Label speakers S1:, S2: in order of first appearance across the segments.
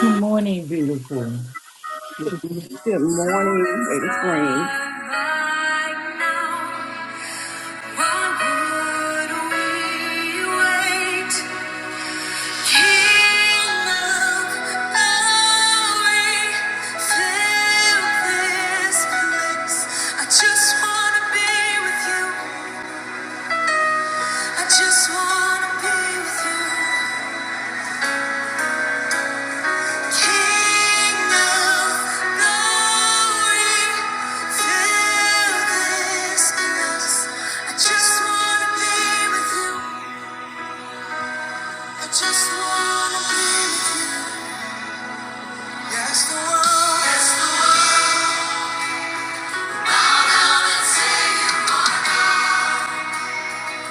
S1: Good morning, beautiful.
S2: Good morning, Lady Spring. I just wanna be with you. I just wanna be with you, King Glory. Fill this place. I just wanna be with you. I just wanna be with you. Yes, the world, yes, the world,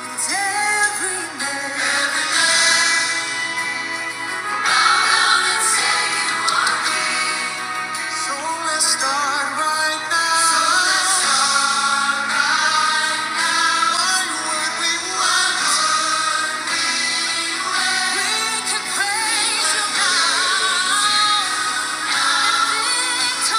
S2: it's every man. So let's start right now. So let's start. One we want. can praise you, God. So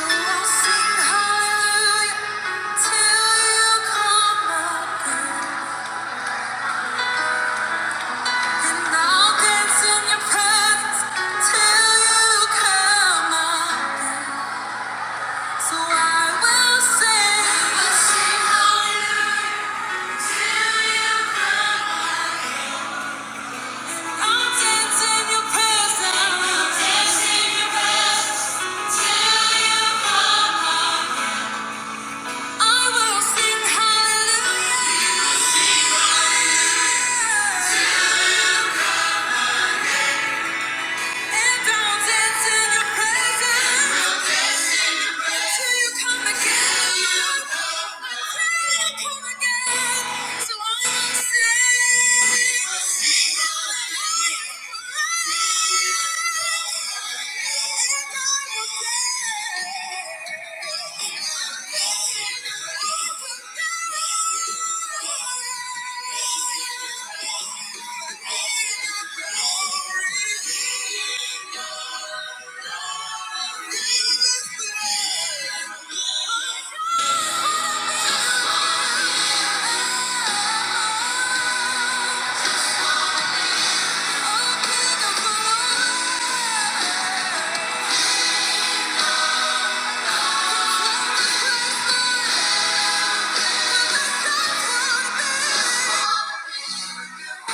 S2: I'll sing hallelujah till you come again. And I'll dance in your presence till you come again. So I will sing, will sing hallelujah to you. I'll dance in your presence, I'll dance in your presence till you come home. I will sing hallelujah, you will sing hallelujah Thank you. Yes!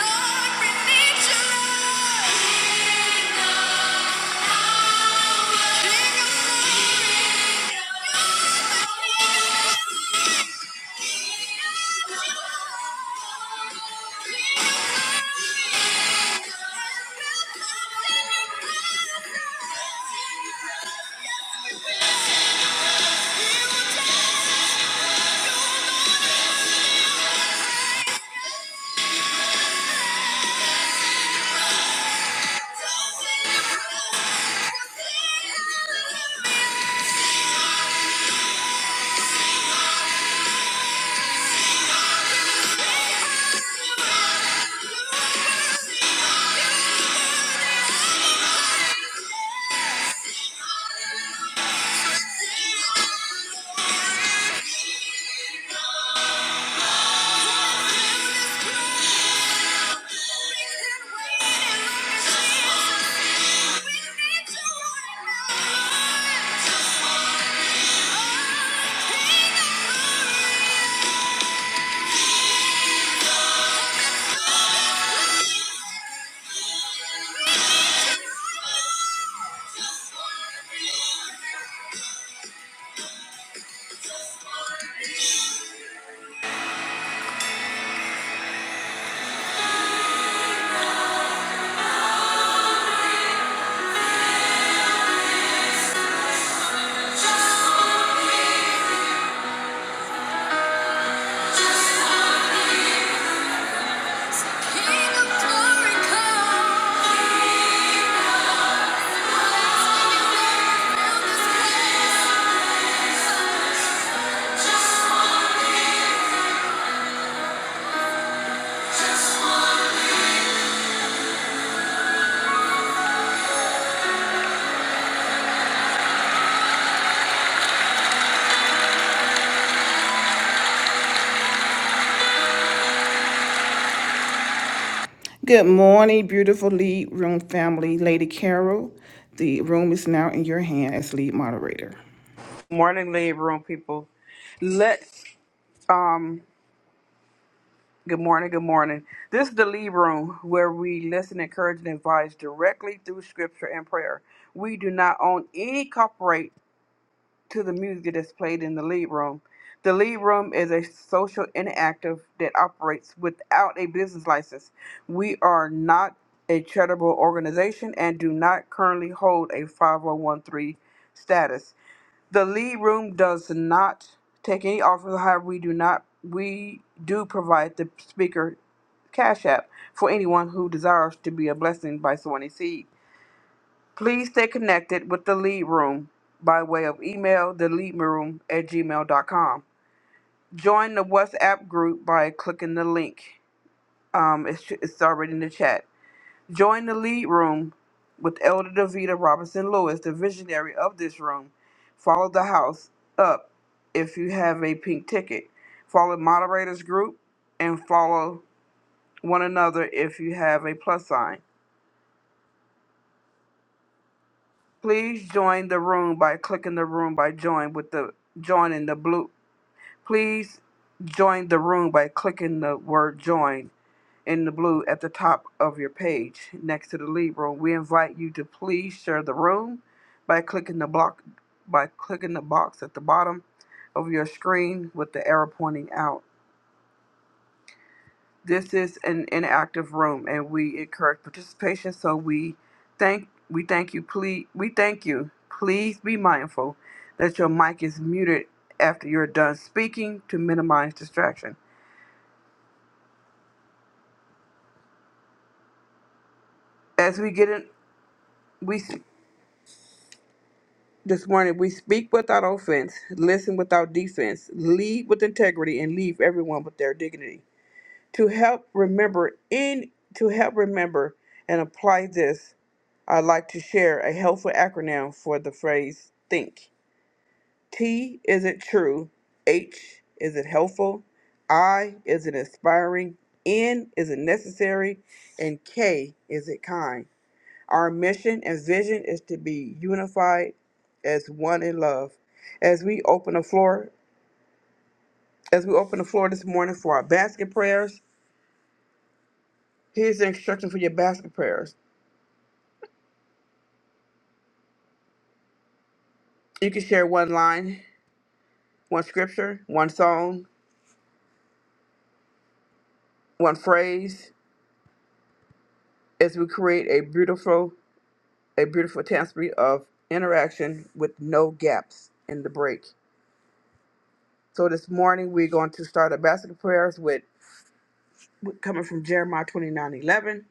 S2: Lord, we need you, Lord. King of glory, Just Good morning, beautiful lead room family. Lady Carol, the room is now in your hand as lead moderator.
S3: morning, lead room people. Let's um good morning, good morning. This is the lead room where we listen, encourage, and advise directly through scripture and prayer. We do not own any copyright to the music that's played in the lead room. The lead room is a social interactive that operates without a business license. We are not a charitable organization and do not currently hold a five hundred one c three status. The lead room does not take any offers. However, we do not we do provide the speaker cash app for anyone who desires to be a blessing by sowing a seed. Please stay connected with the lead room by way of email the at gmail.com. Join the WhatsApp group by clicking the link. Um, it's, it's already in the chat. Join the lead room with Elder Davita Robinson Lewis, the visionary of this room. Follow the house up if you have a pink ticket. Follow moderators group and follow one another if you have a plus sign. Please join the room by clicking the room by join with the join in the blue. Please join the room by clicking the word join in the blue at the top of your page next to the Libra. We invite you to please share the room by clicking the block by clicking the box at the bottom of your screen with the arrow pointing out. This is an inactive room and we encourage participation so we thank we thank you please we thank you. Please be mindful that your mic is muted after you're done speaking to minimize distraction. As we get in we This morning, we speak without offense, listen without defense, lead with integrity, and leave everyone with their dignity. To help remember in to help remember and apply this, I'd like to share a helpful acronym for the phrase think. T is it true? H is it helpful? I is it inspiring? N is it necessary? And K is it kind? Our mission and vision is to be unified as one in love. As we open the floor, as we open the floor this morning for our basket prayers, here's the instruction for your basket prayers. You can share one line, one scripture, one song, one phrase as we create a beautiful a beautiful tapestry of interaction with no gaps in the break. So this morning we're going to start our basket prayers with with- coming from Jeremiah 29:11.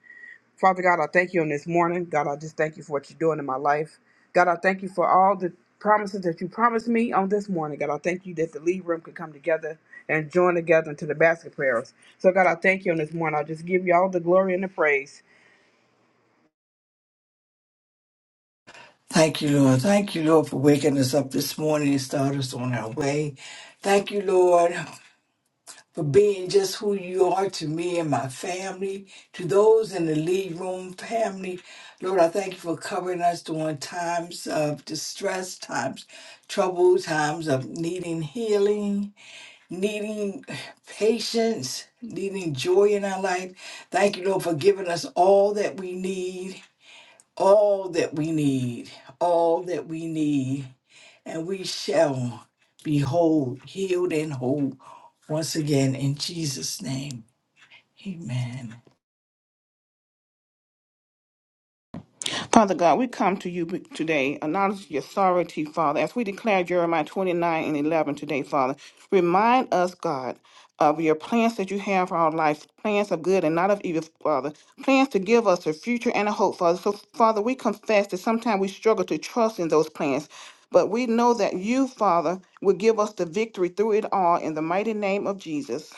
S3: Father God, I thank you on this morning. God, I just thank you for what you're doing in my life. God, I thank you for all the promises that you promised me on this morning. God, I thank you that the lead room could come together and join together into the basket prayers. So, God, I thank you on this morning. I just give you all the glory and the praise.
S1: Thank you, Lord. Thank you, Lord, for waking us up this morning and start us on our way. Thank you, Lord, for being just who you are to me and my family, to those in the lead room family. Lord, I thank you for covering us during times of distress, times trouble, times of needing healing, needing patience, needing joy in our life. Thank you, Lord, for giving us all that we need all that we need, all that we need, and we shall be whole, healed, and whole once again in Jesus' name. Amen.
S2: Father God, we come to you today, acknowledge your authority, Father, as we declare Jeremiah 29 and 11 today, Father. Remind us, God, of your plans that you have for our life, plans of good and not of evil, Father, plans to give us a future and a hope, Father. So, Father, we confess that sometimes we struggle to trust in those plans, but we know that you, Father, will give us the victory through it all in the mighty name of Jesus.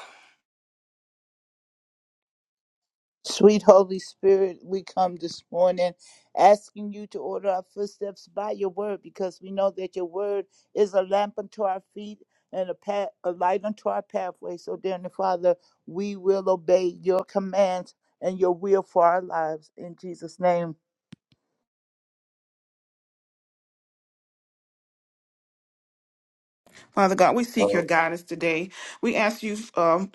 S4: Sweet Holy Spirit, we come this morning asking you to order our footsteps by your word because we know that your word is a lamp unto our feet and a, path, a light unto our pathway. So, dear Father, we will obey your commands and your will for our lives. In Jesus' name,
S2: Father God, we seek
S5: Uh,
S2: your guidance today. We ask you, uh,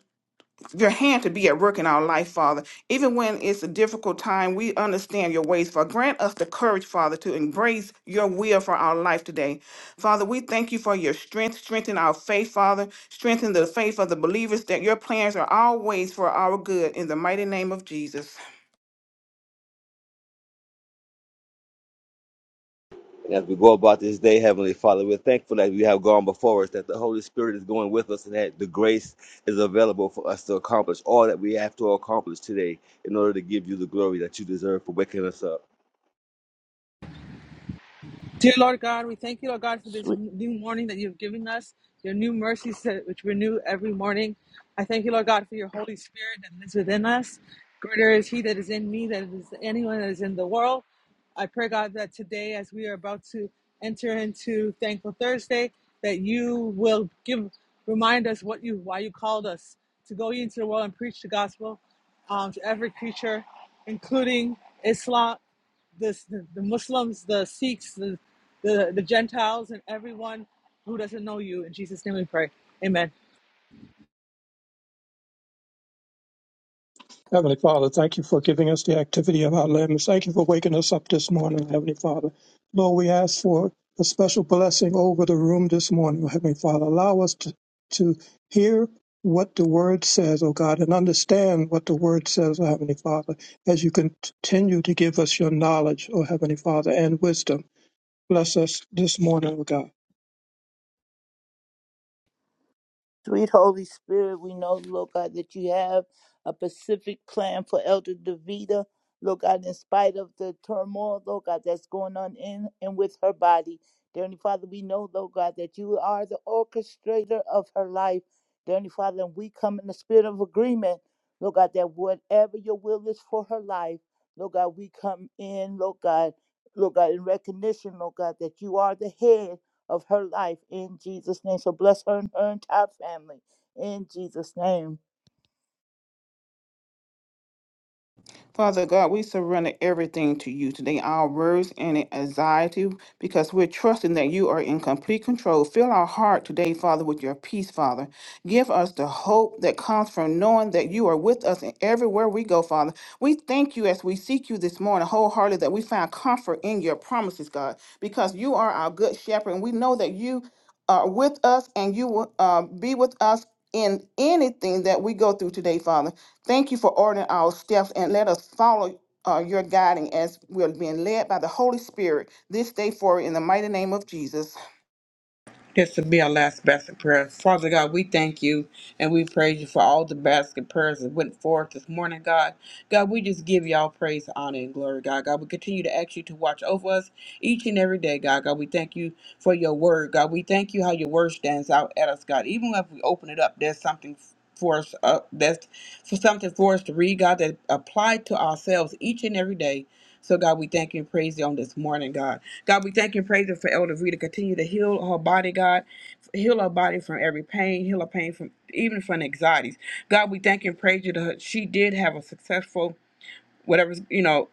S2: your hand to be at work in our life, Father. Even when it's a difficult time, we understand your ways, Father. Grant us the courage, Father, to embrace your will for our life today. Father, we thank you for your strength. Strengthen our faith, Father. Strengthen the faith of the believers that your plans are always for our good. In the mighty name of Jesus.
S5: as we go about this day, Heavenly Father, we're thankful that you have gone before us, that the Holy Spirit is going with us, and that the grace is available for us to accomplish all that we have to accomplish today in order to give you the glory that you deserve for waking us up.
S6: Dear Lord God, we thank you, Lord God, for this new morning that you've given us, your new mercies that, which renew every morning. I thank you, Lord God, for your Holy Spirit that lives within us. Greater is He that is in me than is anyone that is in the world. I pray, God, that today, as we are about to enter into Thankful Thursday, that you will give remind us what you why you called us to go into the world and preach the gospel um, to every creature, including Islam, this, the, the Muslims, the Sikhs, the the, the Gentiles and everyone who doesn't know you. In Jesus' name we pray. Amen.
S7: Heavenly Father, thank you for giving us the activity of our limbs. Thank you for waking us up this morning, Heavenly Father. Lord, we ask for a special blessing over the room this morning, Heavenly Father. Allow us to, to hear what the Word says, oh God, and understand what the Word says, oh Heavenly Father, as you continue to give us your knowledge, oh Heavenly Father, and wisdom. Bless us this morning, oh God.
S4: Sweet Holy Spirit, we know, Lord God, that you have a specific plan for Elder Davida. Lord God, in spite of the turmoil, Lord God, that's going on in and with her body. Dear Heavenly Father, we know, Lord God, that you are the orchestrator of her life. Dear Heavenly Father, and we come in the spirit of agreement, Lord God, that whatever your will is for her life, Lord God, we come in, Lord God, Lord God, in recognition, Lord God, that you are the head of her life in Jesus' name. So bless her and her entire family in Jesus' name.
S2: Father God, we surrender everything to you today, our worries and anxiety, because we're trusting that you are in complete control. Fill our heart today, Father, with your peace, Father. Give us the hope that comes from knowing that you are with us and everywhere we go, Father. We thank you as we seek you this morning wholeheartedly that we find comfort in your promises, God, because you are our good shepherd, and we know that you are with us and you will uh, be with us in anything that we go through today, Father. Thank you for ordering our steps and let us follow uh, your guiding as we're being led by the Holy Spirit this day forward in the mighty name of Jesus.
S3: This will be our last basket prayer. Father God, we thank you and we praise you for all the basket prayers that went forth this morning, God. God, we just give y'all praise, honor, and glory, God. God, we continue to ask you to watch over us each and every day, God. God, we thank you for your word, God. We thank you how your word stands out at us, God. Even if we open it up, there's something for us uh, that's for something for us to read, God, that apply to ourselves each and every day. So God, we thank you and praise you on this morning, God. God, we thank you and praise you for Elder Rita. Continue to heal her body, God. Heal her body from every pain. Heal her pain from even from anxieties. God, we thank you and praise you. That her- she did have a successful whatever you know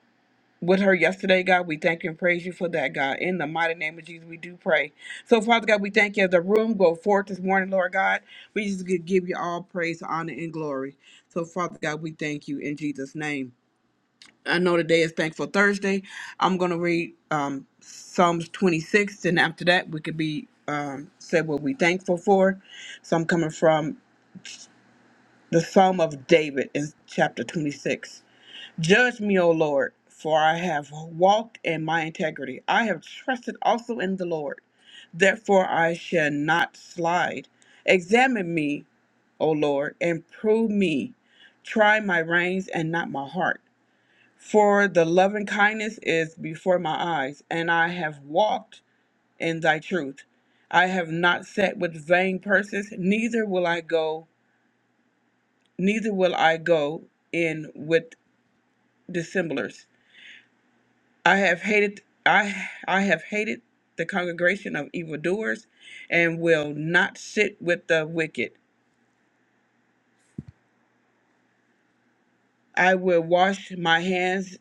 S3: with her yesterday. God, we thank you and praise you for that, God. In the mighty name of Jesus, we do pray. So, Father God, we thank you as the room go forth this morning, Lord God. We just give you all praise, honor, and glory. So, Father God, we thank you in Jesus' name. I know today is Thankful Thursday. I'm gonna read um, Psalms 26, and after that, we could be um, said what we thankful for. So I'm coming from the Psalm of David in chapter 26. Judge me, O Lord, for I have walked in my integrity. I have trusted also in the Lord. Therefore, I shall not slide. Examine me, O Lord, and prove me. Try my reins and not my heart for the loving kindness is before my eyes, and I have walked in thy truth. I have not sat with vain persons, neither will I go, neither will I go in with dissemblers. I have hated I I have hated the congregation of evildoers and will not sit with the wicked. I will wash my hands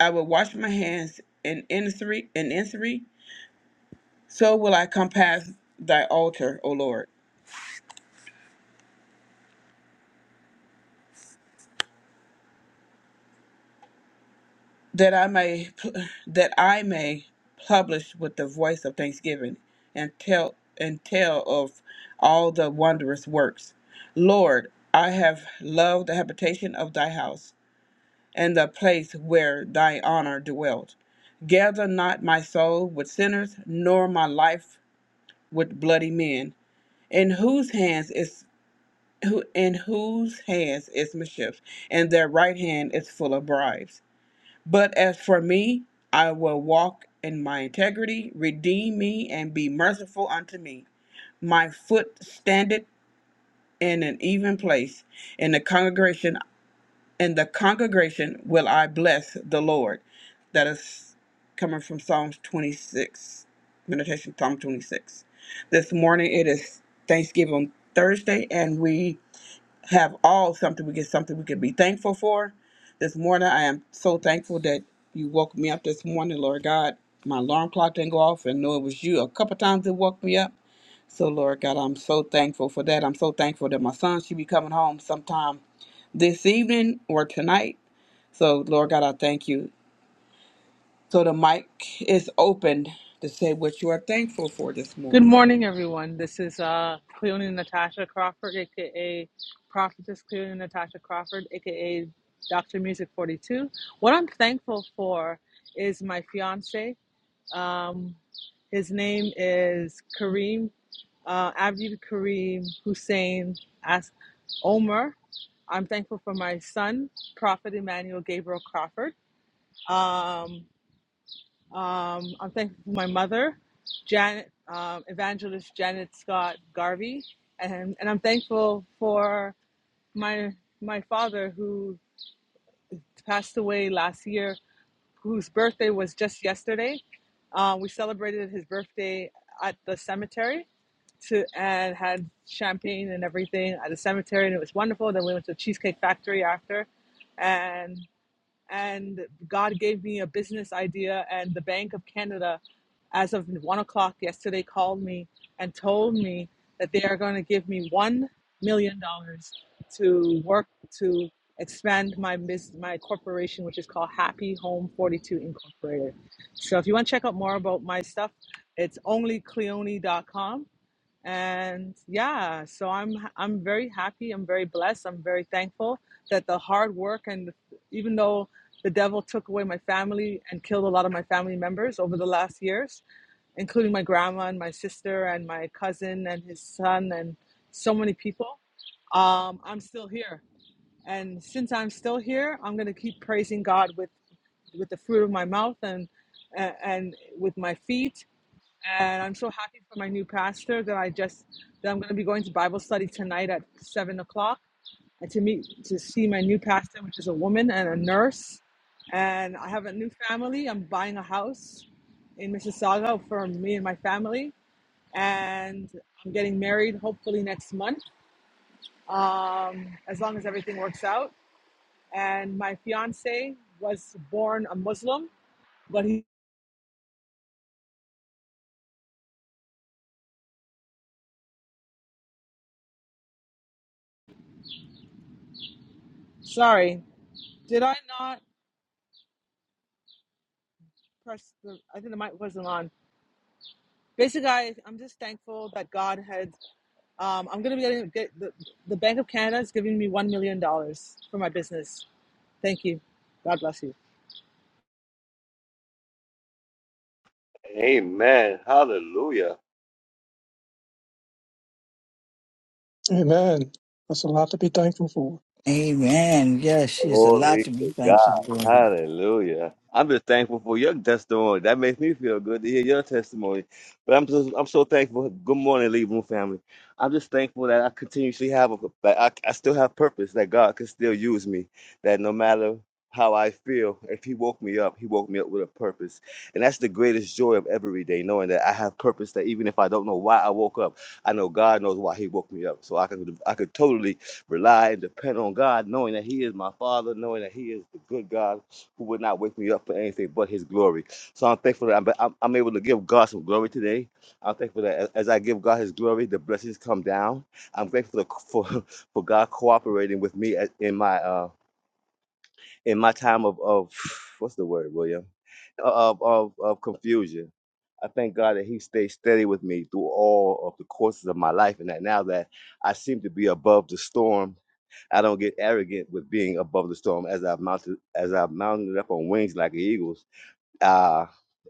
S3: I will wash my hands in injury in injury, so will I compass thy altar, O Lord. that I may that I may publish with the voice of thanksgiving and tell and tell of all the wondrous works. Lord, I have loved the habitation of thy house and the place where thy honor dwelt. Gather not my soul with sinners, nor my life with bloody men, in whose hands is who in whose hands is mischief, and their right hand is full of bribes. But as for me, I will walk in my integrity. Redeem me and be merciful unto me. My foot standeth in an even place. In the congregation, in the congregation will I bless the Lord. That is coming from Psalms 26, meditation Psalm 26. This morning it is Thanksgiving Thursday, and we have all something we get something we can be thankful for. This morning I am so thankful that you woke me up this morning, Lord God. My alarm clock didn't go off and know it was you. A couple times it woke me up. So Lord God, I'm so thankful for that. I'm so thankful that my son should be coming home sometime this evening or tonight. So Lord God, I thank you. So the mic is open to say what you are thankful for this
S6: Good
S3: morning.
S6: morning, everyone. This is uh, Cleone Natasha Crawford, aka Prophetess Cleone Natasha Crawford, aka Dr. Music 42. What I'm thankful for is my fiance. Um, his name is Kareem, uh, Abdi Kareem Hussein As Omer. I'm thankful for my son, Prophet Emmanuel Gabriel Crawford. Um, Um, I'm thankful for my mother, Janet, um, evangelist Janet Scott Garvey, and and I'm thankful for my my father who passed away last year, whose birthday was just yesterday. Uh, we celebrated his birthday at the cemetery to and had champagne and everything at the cemetery, and it was wonderful. Then we went to the Cheesecake Factory after, and and God gave me a business idea. And the Bank of Canada, as of one o'clock yesterday, called me and told me that they are going to give me one million dollars to work to expand my bus- my corporation, which is called Happy Home Forty Two Incorporated. So if you want to check out more about my stuff, it's onlycleone.com and yeah so i'm i'm very happy i'm very blessed i'm very thankful that the hard work and even though the devil took away my family and killed a lot of my family members over the last years including my grandma and my sister and my cousin and his son and so many people um, i'm still here and since i'm still here i'm going to keep praising god with with the fruit of my mouth and and and with my feet and I'm so happy for my new pastor that I just that I'm going to be going to Bible study tonight at seven o'clock, and to meet to see my new pastor, which is a woman and a nurse, and I have a new family. I'm buying a house in Mississauga for me and my family, and I'm getting married hopefully next month, um, as long as everything works out. And my fiance was born a Muslim, but he sorry, did I not press the? I think the mic wasn't on. basically, I, I'm just thankful that God had. Um, I'm gonna be getting get, the, the Bank of Canada is giving me one million dollars for my business. Thank you. God bless you.
S5: Amen. Hallelujah.
S7: Amen. That's a lot to be thankful for.
S1: Amen. Yes, she is a lot
S5: Glory
S1: to be
S5: to God.
S1: thankful for.
S5: Hallelujah. I'm just thankful for your testimony. That makes me feel good to hear your testimony. But I'm just I'm so thankful. Good morning, Leave Room family. I'm just thankful that I continuously have a that I, I still have purpose, that God can still use me. That no matter how I feel, if he woke me up, he woke me up with a purpose. And that's the greatest joy of every day, knowing that I have purpose that even if I don't know why I woke up, I know God knows why he woke me up. So I could I could totally rely and depend on God, knowing that He is my Father, knowing that He is the good God who would not wake me up for anything but His glory. So I'm thankful that I'm, I'm, I'm able to give God some glory today. I'm thankful that as as I give God His glory, the blessings come down. I'm thankful for for, for God cooperating with me at- in my uh in my time of of what's the word, William? Of of, of confusion. I thank God that He stayed steady with me through all of the courses of my life, and that now that I seem to be above the storm I don't get arrogant with being above the storm as I've mounted as I've mounted up on wings like the eagles. Uh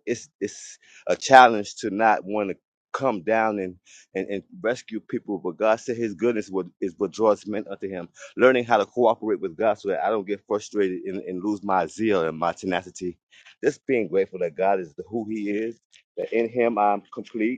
S5: it's it's a challenge to not want to come down and, and and rescue people, but God said His goodness would, is what draws men unto Him. Learning how to cooperate with God so that I don't get frustrated and, and lose my zeal and my tenacity. Just being grateful that God is who He is, that in Him I'm complete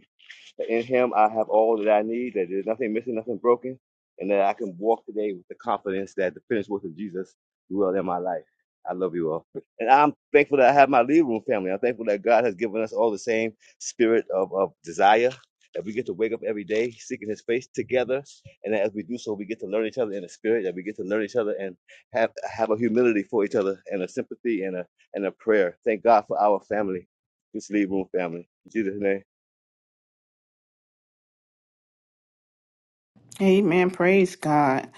S5: that in him I have all that I need, that there's nothing missing, nothing broken, and that I can walk today with the confidence that the finished work of Jesus dwells in my life. I love you all. And I'm thankful that I have my lead room family. I'm thankful that God has given us all the same spirit of, of desire, that we get to wake up every day seeking his face together. And that as we do so, we get to learn each other in the spirit, that we get to learn each other and have, have a humility for each other and a sympathy and a, and a prayer. Thank God for our family, this lead room family. In Jesus' name.
S2: Amen. Praise God.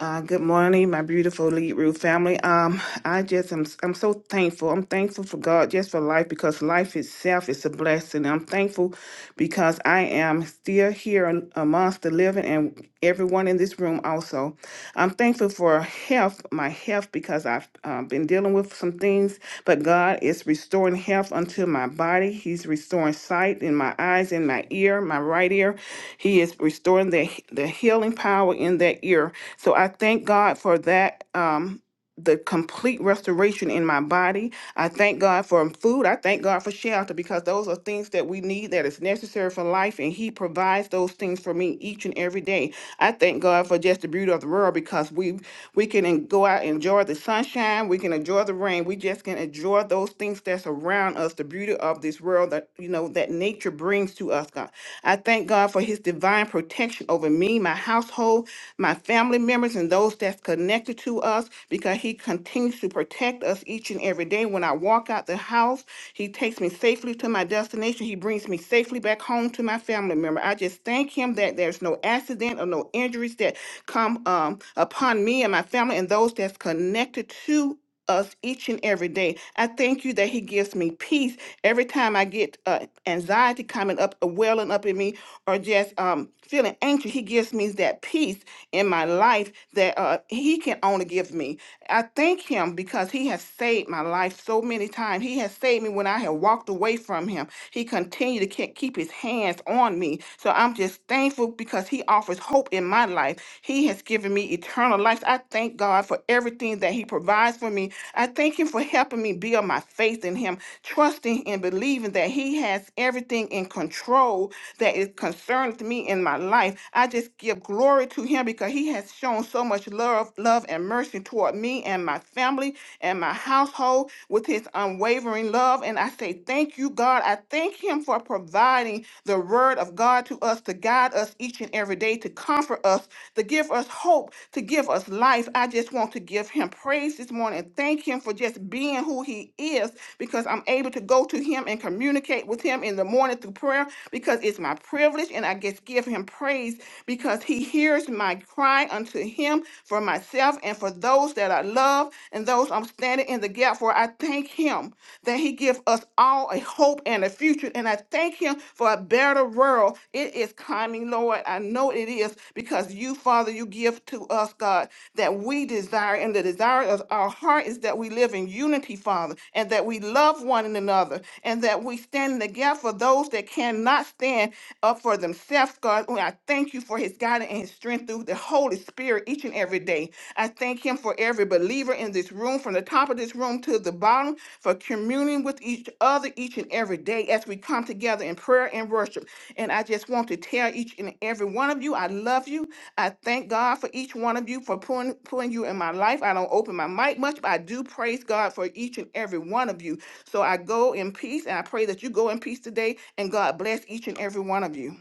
S2: Uh, good morning, my beautiful Lead Root family. Um, I just am I'm so thankful. I'm thankful for God just for life because life itself is a blessing. I'm thankful because I am still here amongst the living and everyone in this room also. I'm thankful for health, my health, because I've uh, been dealing with some things. But God is restoring health unto my body. He's restoring sight in my eyes, in my ear, my right ear. He is restoring the the healing power in that ear. So I thank God for that. Um, the complete restoration in my body. I thank God for food. I thank God for shelter because those are things that we need that is necessary for life and he provides those things for me each and every day. I thank God for just the beauty of the world because we we can en- go out and enjoy the sunshine, we can enjoy the rain. We just can enjoy those things that's around us, the beauty of this world that you know that nature brings to us, God. I thank God for his divine protection over me, my household, my family members and those that's connected mercy to us because He continues to protect us each and every day. When I walk out the house, He takes me safely to my destination. He brings me safely back home to my family member. I just thank Him that there's no accident or no injuries that come um, upon me and my family and those that's connected to us each and every day. I thank you that He gives me peace every time I get uh, anxiety coming up, uh, welling up in me, or just um, feeling anxious. He gives me that peace in my life that uh, He can only give me. I thank Him because He has saved my life so many times. He has saved me when I have walked away from Him. He continued to ke- keep His hands on me. So I'm just thankful because He offers hope in my life life. He has given me eternal life. I thank God for everything that He provides for me. I thank Him for helping me build my faith in Him, trusting and believing that He has everything in control that is concerned to me in my life. I just give glory to Him because He has shown so much love, love and mercy toward me and my family and my household with His unwavering love. And I say, Thank you, God. I thank Him for providing providing the word of God to us to guide us each and every day, to comfort us, to give us hope, to give us life. I just want to give him praise this morning and thank him for just being who he is because I'm able to go to him and communicate with him in the morning through prayer because it's my privilege and I just give him praise because he hears my cry unto him for myself and for those that I love and those I'm standing in the gap for. I thank him that he gives us all a hope and a future. And I thank him for a better world. It is coming, Lord. I know it is because you, Father, you give to us, God, that we desire. And the desire of our heart is that we live in unity, Father, and that we love one another, and that we stand in the gap for those that cannot stand up for themselves, God. And I thank you for his guidance and his strength through the Holy Spirit each and and every day. I thank Him for every believer in this room, from the top of this room to the bottom, for communing with each other each and every day as we come together in prayer and worship. And I just want to tell each and every one of you, I love you. I thank God for each one of you for putting, putting you in my life. I don't open my mic much, but I do praise God for each and every one of you. So I go in peace, and I pray that you go in peace today, and God bless each and every one of you.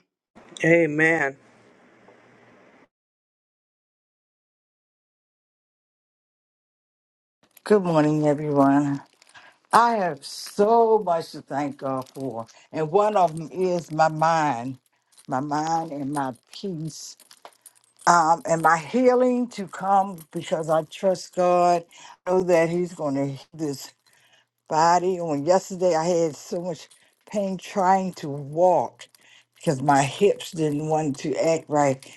S3: Amen.
S1: Good morning, everyone. I have so much to thank God for, and one of them is my mind, my mind and my peace. um, and my healing to come because I trust God. I know that He's going to heal this body. On yesterday, I had so much pain trying to walk because my hips didn't want to act right.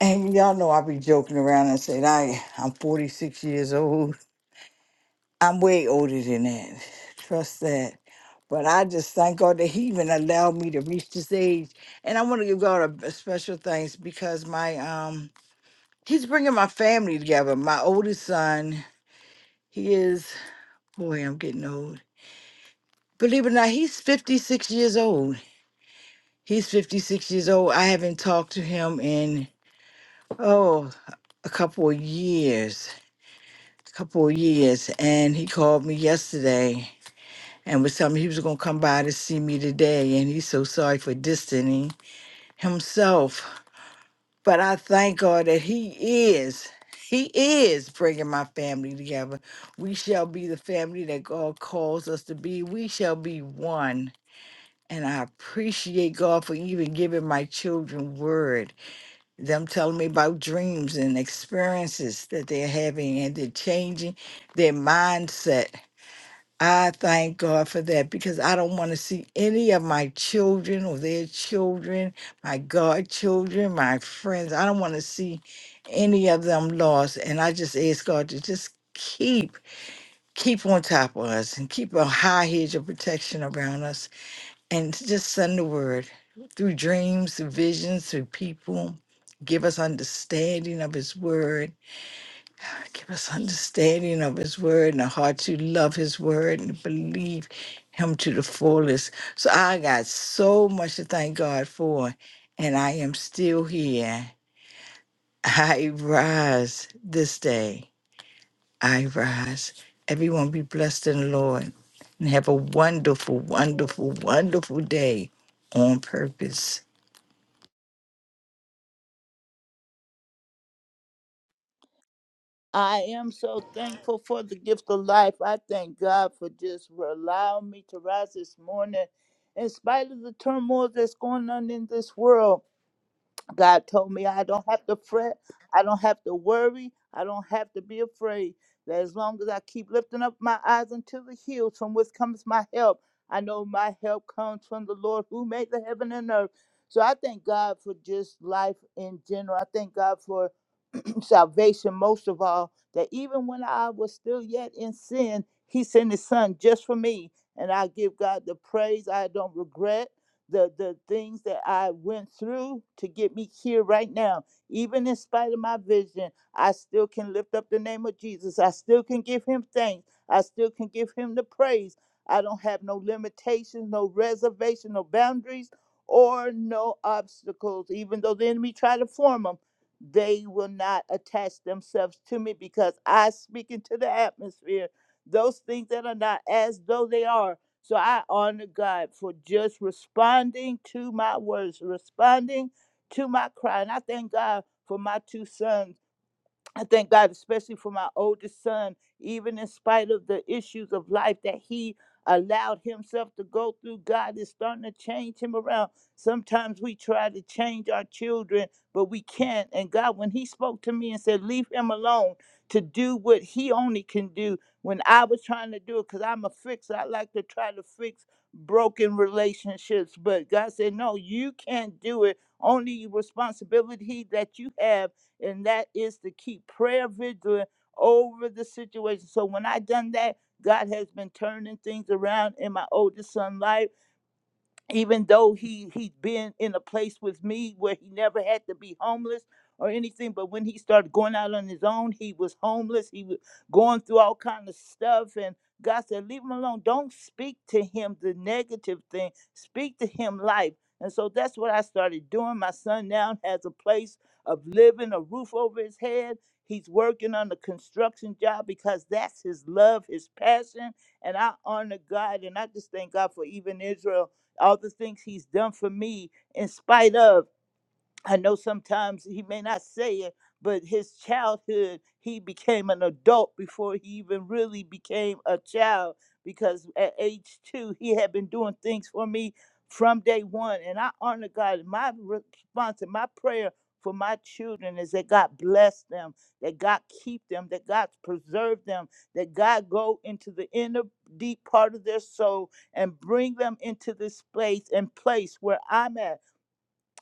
S1: And y'all know I be joking around and saying I I'm 46 years old. I'm way older than that. Trust that. But I just thank God that He even allowed me to reach this age. And I want to give God a, a special thanks because my um He's bringing my family together. My oldest son, he is, boy, I'm getting old. Believe it or not, he's 56 years old. He's 56 years old. I haven't talked to him in, oh, a couple of years. A couple of years. And he called me yesterday and was telling me he was going to come by to see me today. And he's so sorry for distancing himself But I thank God that He is, He is bringing my family together. We shall be the family that God calls us to be. We shall be one. And I appreciate God for even giving my children word, them telling me about dreams and experiences that they're having and they're changing their mindset I thank God for that because I don't want to see any of my children or their children, my godchildren, my friends. I don't want to see any of them lost. And I just ask God to just keep, keep on top of us and keep a high hedge of protection around us and to just send the word through dreams, through visions, through people. Give us understanding of His word Give us understanding of his word and a heart to love his word and believe him to the fullest. So I got so much to thank God for, and I am still here. I rise this day. I rise. Everyone be blessed in the Lord and have a wonderful, wonderful, wonderful day on purpose.
S4: I am so thankful for the gift of life. I thank God for just allowing me to rise this morning in spite of the turmoil that's going on in this world. God told me I don't have to fret. I don't have to worry. I don't have to be afraid. That as long as I keep lifting up my eyes unto the hills from which comes my help, I know my help comes from the Lord who made the heaven and earth. So I thank God for just life in general. I thank God for salvation most of all that even when I was still yet in sin, he sent his son just for me. And I give God the praise. I don't regret the, the things that I went through to get me here right now. Even in spite of my vision, I still can lift up the name of Jesus. I still can give him thanks. I still can give him the praise. I don't have no limitations, no reservation, no boundaries, or no obstacles, even though the enemy try to form them they will not attach themselves to me because I speak into the atmosphere those things that are not as though they are. So I honor God for just responding to my words, responding to my cry. And I thank God for my two sons. I thank God, especially for my oldest son, even in spite of the issues of life that he allowed himself to go through, God is starting to change him around. Sometimes we try to change our children, but we can't. And God, when he spoke to me and said, Leave him alone to do what he only can do, when I was trying to do it, because I'm a fixer, I like to try to fix broken relationships. But God said, No, you can't do it. Only responsibility that you have and that is to keep prayer vigilant over the situation. So when I done that, God has been turning things around in my oldest son's life even though he he'd been in a place with me where he never had to be homeless or anything but when he started going out on his own he was homeless he was going through all kind of stuff and god said leave him alone don't speak to him the negative thing speak to him life and so that's what i started doing my son now has a place of living a roof over his head he's working on a construction job because that's his love his passion and i honor god and i just thank god for even israel all the things he's done for me in spite of I know sometimes he may not say it, but his childhood, he became an adult before he even really became a child because at age two, he had been doing things for me from day one. And I honor God. My response and my prayer for my children is that God bless them, that God keep them, that God preserve them, that God go into the inner deep part of their soul and bring them into this place and place where I'm at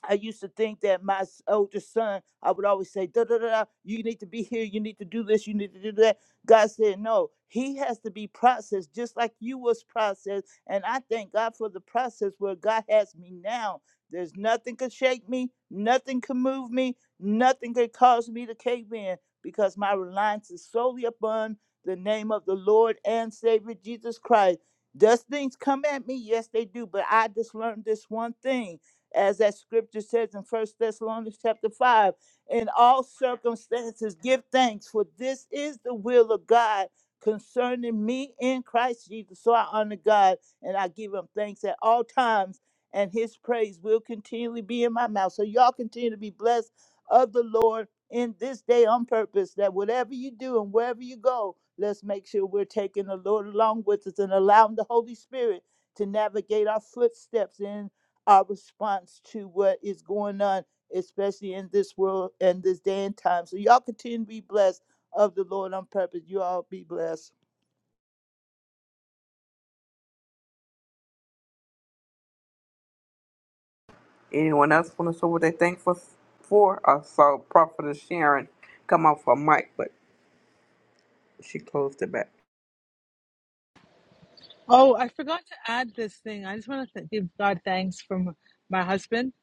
S4: I used to think that my s- older son, I would always say, da da da da, you need to be here, you need to do this, you need to do that. God said, no, he has to be processed just like you was processed. And I thank God for the process where God has me now. There's nothing could shake me, nothing can move me, nothing could cause me to cave in because my reliance is solely upon the name of the Lord and Savior Jesus Christ. Does things come at me? Yes, they do. But I just learned this one thing as that scripture says in First Thessalonians chapter 5. In all circumstances, give thanks, for this is the will of God concerning me in Christ Jesus. So I honor God and I give him thanks at all times, and his praise will continually be in my mouth. So y'all continue to be blessed of the Lord in this day on purpose, that whatever you do and wherever you go, let's make sure we're taking the Lord along with us and allowing the Holy Spirit to navigate our footsteps in our response to what is going on, especially in this world and this day and time. So y'all continue to be blessed of the Lord on purpose. You all be blessed.
S3: Anyone else want to say what they thankful f- for? I saw Prophetess Sharon come off her mic, but she closed it back.
S6: Oh, I forgot to add this thing. I just want to th- give God thanks from my husband.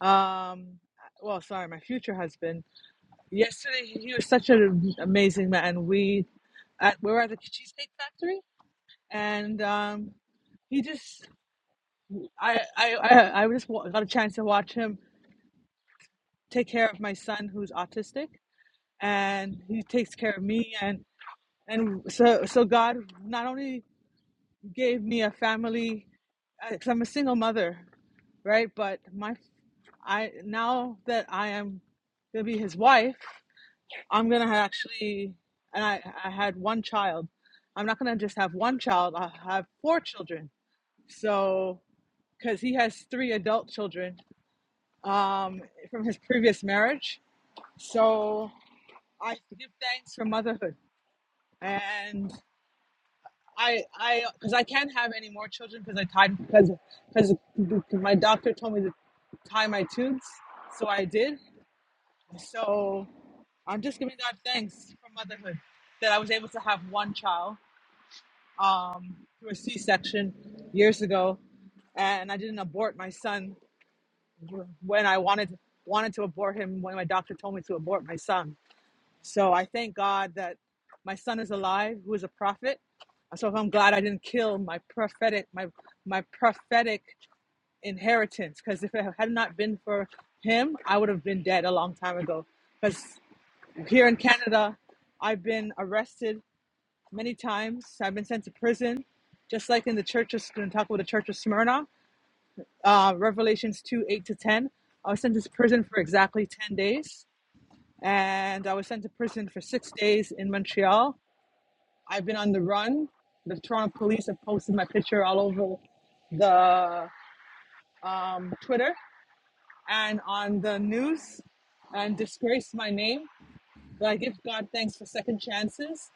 S6: Um, well, sorry, my future husband. Yesterday, he he was such an amazing man. We, at, we were at the Cheesecake Factory, and um, he just I I I, I just wa- got a chance to watch him take care of my son who's autistic and he takes care of me and and so so god not only gave me a family because i'm a single mother right but my i now that i am gonna be his wife i'm gonna ha- actually and i i had one child i'm not gonna just have one child i have four children so because he has three adult children um, from his previous marriage so i give thanks for motherhood and I I because I can't have any more children because I tied because because my doctor told me to tie my tubes, so I did. So I'm just giving God thanks for motherhood that I was able to have one child um, through a C-section years ago, and I didn't abort my son when I wanted wanted to abort him when my doctor told me to abort my son. So I thank God that my son is alive, who is a prophet. So I'm glad I didn't kill my prophetic my my prophetic inheritance because if it had not been for him, I would have been dead a long time ago. Because here in Canada, I've been arrested many times. I've been sent to prison, just like in the church of in talk about the church of Smyrna, uh, Revelations two eight to ten. I was sent to prison for exactly ten days, and I was sent to prison for six days in Montreal I've been on the run. The Toronto police have posted my picture all over the um, Twitter and on the news and disgraced my name. But I give God thanks for second chances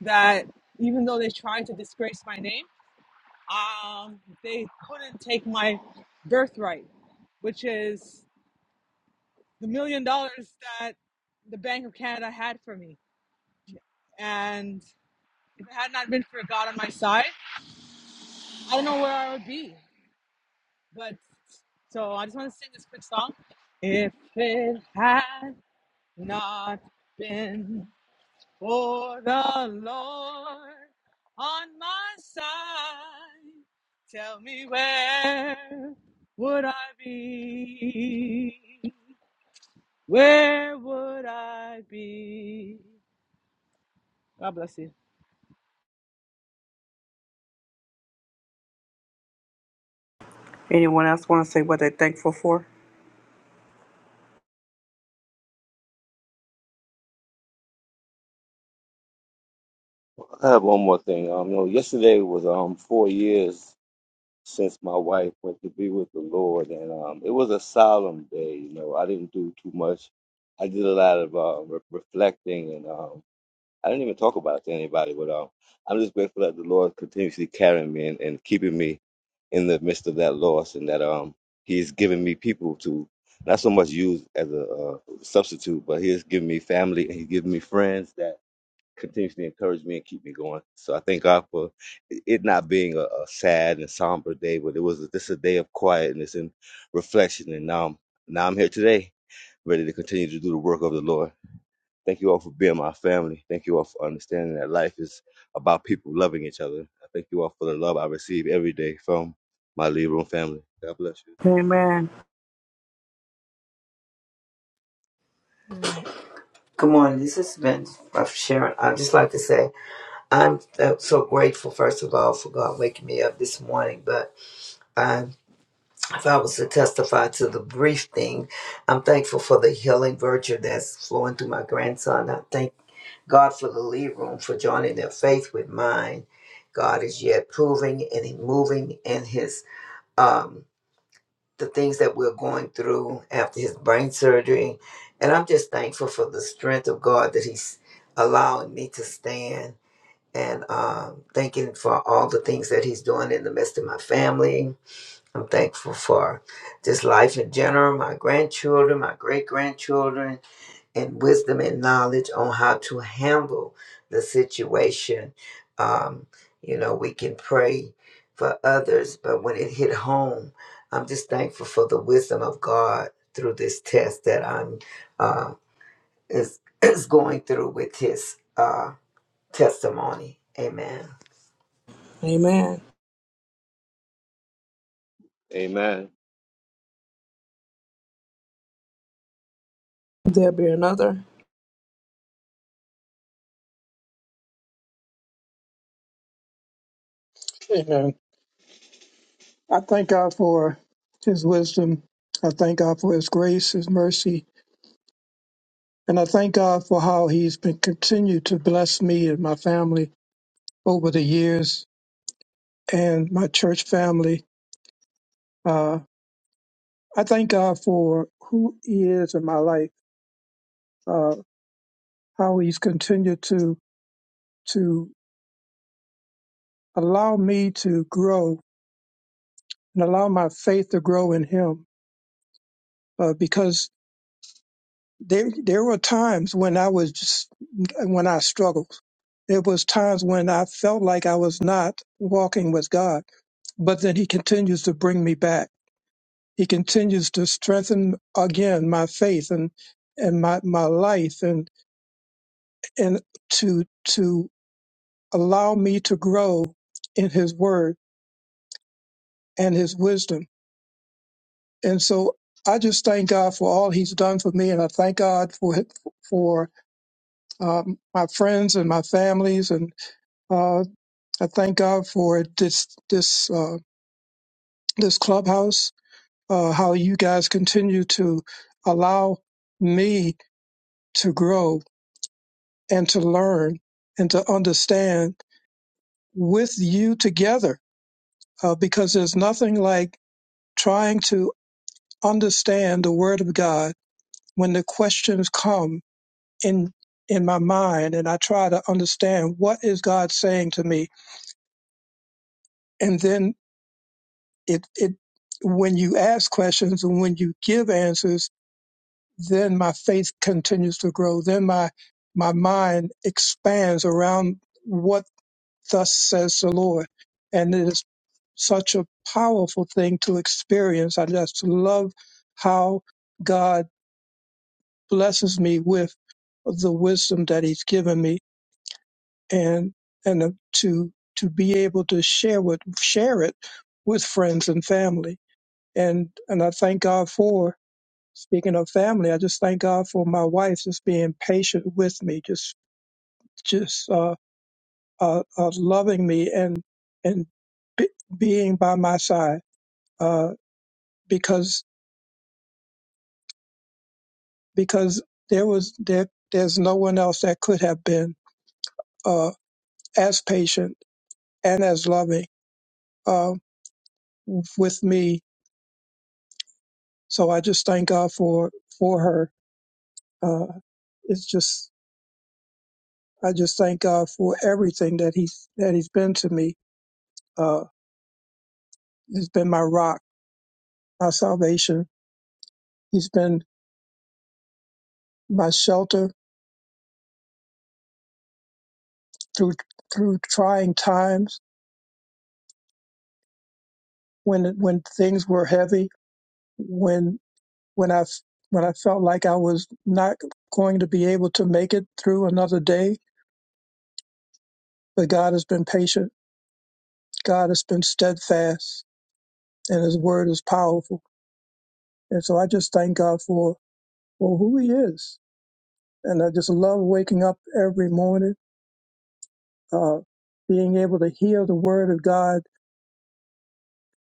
S6: that even though they tried to disgrace my name, um, they couldn't take my birthright, which is the million dollars that the Bank of Canada had for me. And if it had not been for God on my side, I don't know where I would be. But so I just want to sing this quick song. If it had not been for the Lord on my side, tell me where would I be? Where would I be? God bless you.
S3: Anyone else want to say what they thankful for?
S5: I have one more thing. Um, you know, yesterday was um four years since my wife went to be with the Lord, and um, it was a solemn day. You know, I didn't do too much. I did a lot of uh, re- reflecting, and um, I didn't even talk about it to anybody. But um, I'm just grateful that the Lord continuously carrying me and, and keeping me in the midst of that loss, and that um, He's given me people to not so much use as a uh, substitute, but He has given me family and He's given me friends that continues to encourage me and keep me going. So I thank God for it not being a, a sad and somber day, but it was a, this a day of quietness and reflection. And now, I'm- now I'm here today, ready to continue to do the work of the Lord. Thank you all for being my family. Thank you all for understanding that life is about people loving each other. I thank you all for the love I receive every day from my Libra family. God bless you.
S3: Amen.
S8: Hmm.
S9: Good morning. This has been uh, Sharon. I'd just like to say I'm uh, so grateful, first of all, for God waking me up this morning. But I, if I was to testify to the brief thing, I'm thankful for the healing virtue that's flowing through my grandson. I thank God for the lead room for joining their faith with mine. God is yet proving and moving in his. Um, the things that we're going through after his brain surgery. And I'm just thankful for the strength of God that he's allowing me to stand and um, thanking for all the things that he's doing in the midst of my family. I'm thankful for just life in general, my grandchildren, my great grandchildren and wisdom and knowledge on how to handle the situation. Um, you know, we can pray for others, but when it hit home, I'm just thankful for the wisdom of God through this test that I'm uh, is is going through with His uh, testimony. Amen.
S3: Amen.
S5: Amen.
S3: There'll be another.
S7: Amen. I thank God for his wisdom. I thank God for his grace, his mercy, and I thank God for how he's been continued to bless me and my family over the years and my church family. Uh, I thank God for who he is in my life, uh, how he's continued to to allow me to grow and allow my faith to grow in him. Uh, because there there were times when I was just, when I struggled. There was times when I felt like I was not walking with God, but then He continues to bring me back. He continues to strengthen again my faith and and my my life and and to to allow me to grow in His Word and His wisdom. And so I just thank God for all He's done for me, and I thank God for for um, my friends and my families Uh, I thank God for this this uh, this clubhouse. Uh, how you guys continue to allow me to grow and to learn and to understand with you together, uh, because there's nothing like trying to understand the Word of God when the questions come in in my mind, and I try to understand what is God saying to me, and then it it when you ask questions and when you give answers then my faith continues to grow then my my mind expands around what thus says the lord and it is such a powerful thing to experience i just love how god blesses me with the wisdom that he's given me and and to to be able to share with share it with friends and family and and I thank God for speaking of family. I just thank God for my wife just being patient with me, just just uh, uh, uh, loving me and and be, being by my side uh, because because there was there there's no one else that could have been uh, as patient and as loving uh, with me. So I just thank God for for her. Uh, it's just I just thank God for everything that he's that he's been to me Uh, he's been my rock, my salvation. He's been my shelter through through trying times when when things were heavy, when when I when I felt like I was not going to be able to make it through another day. But God has been patient. God has been steadfast, and His word is powerful. And so I just thank God for for who He is, and I just love waking up every morning, uh, being able to hear the word of God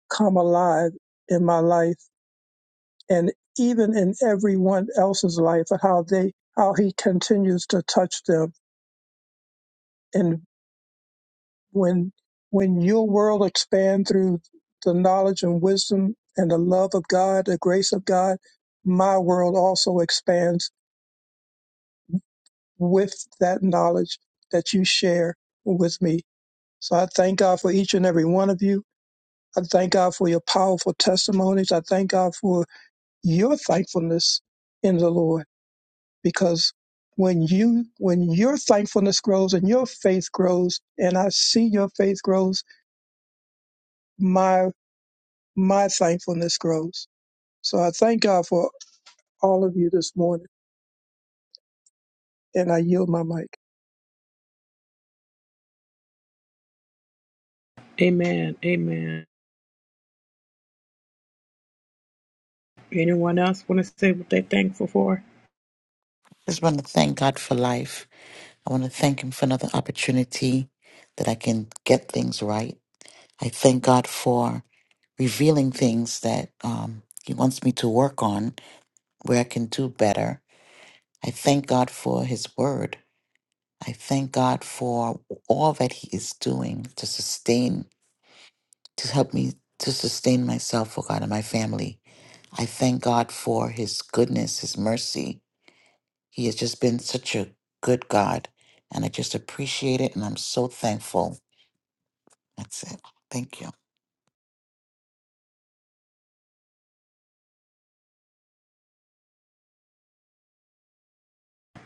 S7: come alive in my life and even in everyone else's life how they how he continues to touch them and when when your world expands through the knowledge and wisdom and the love of God the grace of God my world also expands with that knowledge that you share with me so I thank God for each and every one of you I thank God for your powerful testimonies I thank God for your thankfulness in the Lord because when you when your thankfulness grows and your faith grows and i see your faith grows my my thankfulness grows so i thank god for all of you this morning and i yield my mic
S3: Amen. Amen. Anyone else want to say what they thankful for?
S10: I just want to thank God for life. I want to thank Him for another opportunity that I can get things right. I thank God for revealing things that um, He wants me to work on where I can do better. I thank God for His Word. I thank God for all that He is doing to sustain, to help me to sustain myself, oh God, and my family. I thank God for His goodness, His mercy, He has just been such a good God, and I just appreciate it, and I'm so thankful. That's it. Thank you.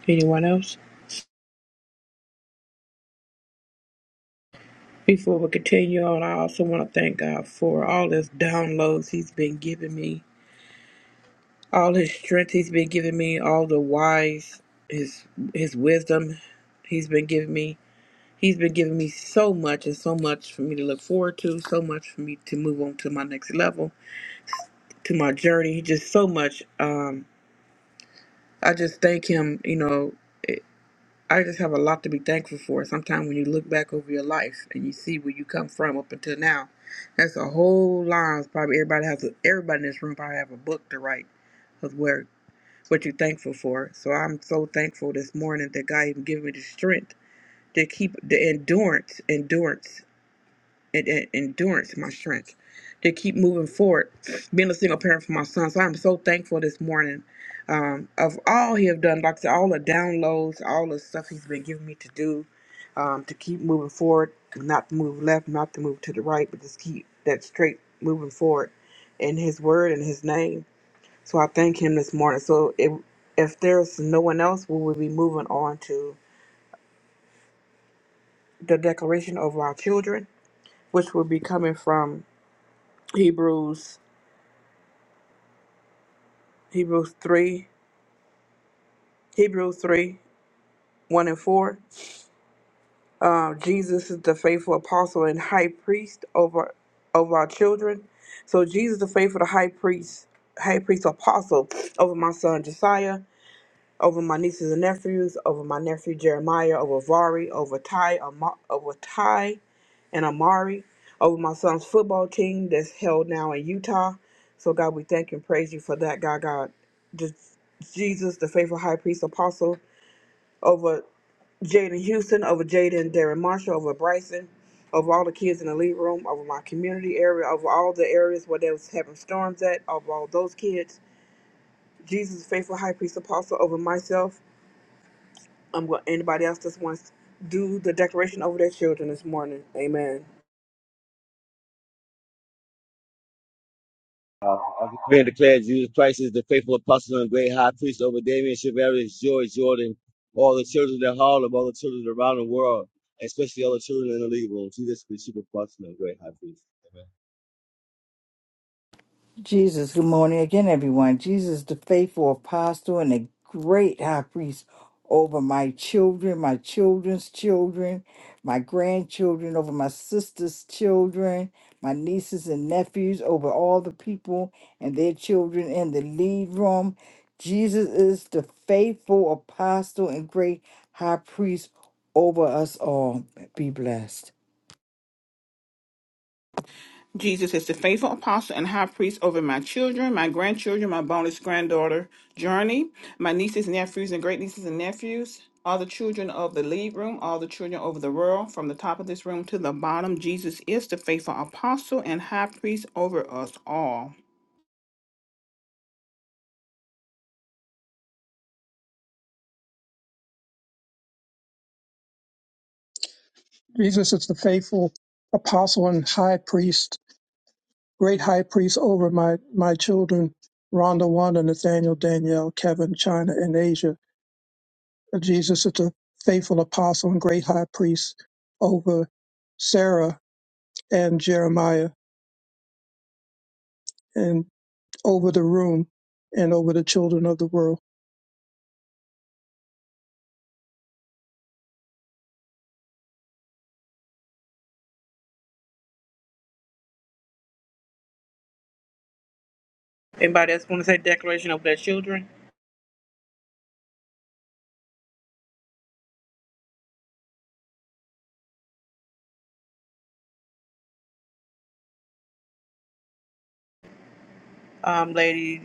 S3: Anyone else? Before we continue on, I also want to thank God for all his downloads he's been giving me, all his strength he's been giving me, all the wise, his his wisdom he's been giving me He's been giving me so much and so much for me to look forward to, so much for me to move on to my next level, to my journey, just so much. Um, I just thank him, you know, I just have a lot to be thankful for. Sometimes when you look back over your life and you see where you come from up until now, that's a whole line. Probably everybody has a, everybody in this room probably have a book to write of where what you're thankful for. So I'm so thankful this morning that God even gave me the strength to keep the endurance, endurance. and, and endurance, my strength to keep moving forward. Being a single parent for my son, so I'm so thankful this morning um, of all he have done, like I said, all the downloads, all the stuff he's been giving me to do um, to keep moving forward, not to move left, not to move to the right, but just keep that straight moving forward in his word and his name. So I thank him this morning. So if if there's no one else, we will be moving on to the declaration of our children, which will be coming from Hebrews Hebrews 3, Hebrews 3, 1 and 4. Uh, Jesus is the faithful apostle and high priest over over our children. So Jesus the faithful high priest, high priest apostle over my son Josiah, over my nieces and nephews, over my nephew Jeremiah, over Vari, over Ty, Ama- over Ty and Amari, over my son's football team that's held now in Utah. So God, we thank and praise you for that, God. God, just Jesus, the faithful high priest apostle. over Jaden Houston, over Jaden Darren Marshall, over Bryson, over all the kids in the lead room, over my community area, over all the areas where they was having storms at, over all those kids. Jesus, faithful high priest apostle, over myself. I'm going anybody else that wants to do the declaration over their children this morning. Amen.
S5: Uh, I decree and declare Jesus Christ is the faithful apostle and great high priest over Damien, Shavarius, George, Jordan, all the children in Harlem, all the children around the world, especially all the children in the league room. Jesus is the chief apostle and great high priest.
S1: Jesus, good morning again, everyone. Jesus, the faithful apostle and the great high priest over my children, my children's children, my grandchildren, over my sister's children, my nieces and nephews, over all the people and their children in the lead room. Jesus is the faithful apostle and great high priest over us all. Be blessed.
S2: Jesus is the faithful apostle and high priest over my children, my grandchildren, my bonus granddaughter, Journey, my nieces, nephews, and great nieces and nephews, all the children of the lead room, all the children over the world, from the top of this room to the bottom. Jesus is the faithful apostle and high priest over us all.
S7: jesus is the faithful apostle and high priest great high priest over my my children rhonda wanda nathaniel danielle kevin china and asia jesus is the faithful apostle and great high priest over sarah and jeremiah and over the room and over the children of the world.
S3: Anybody else want to say declaration over their children? Um, Lady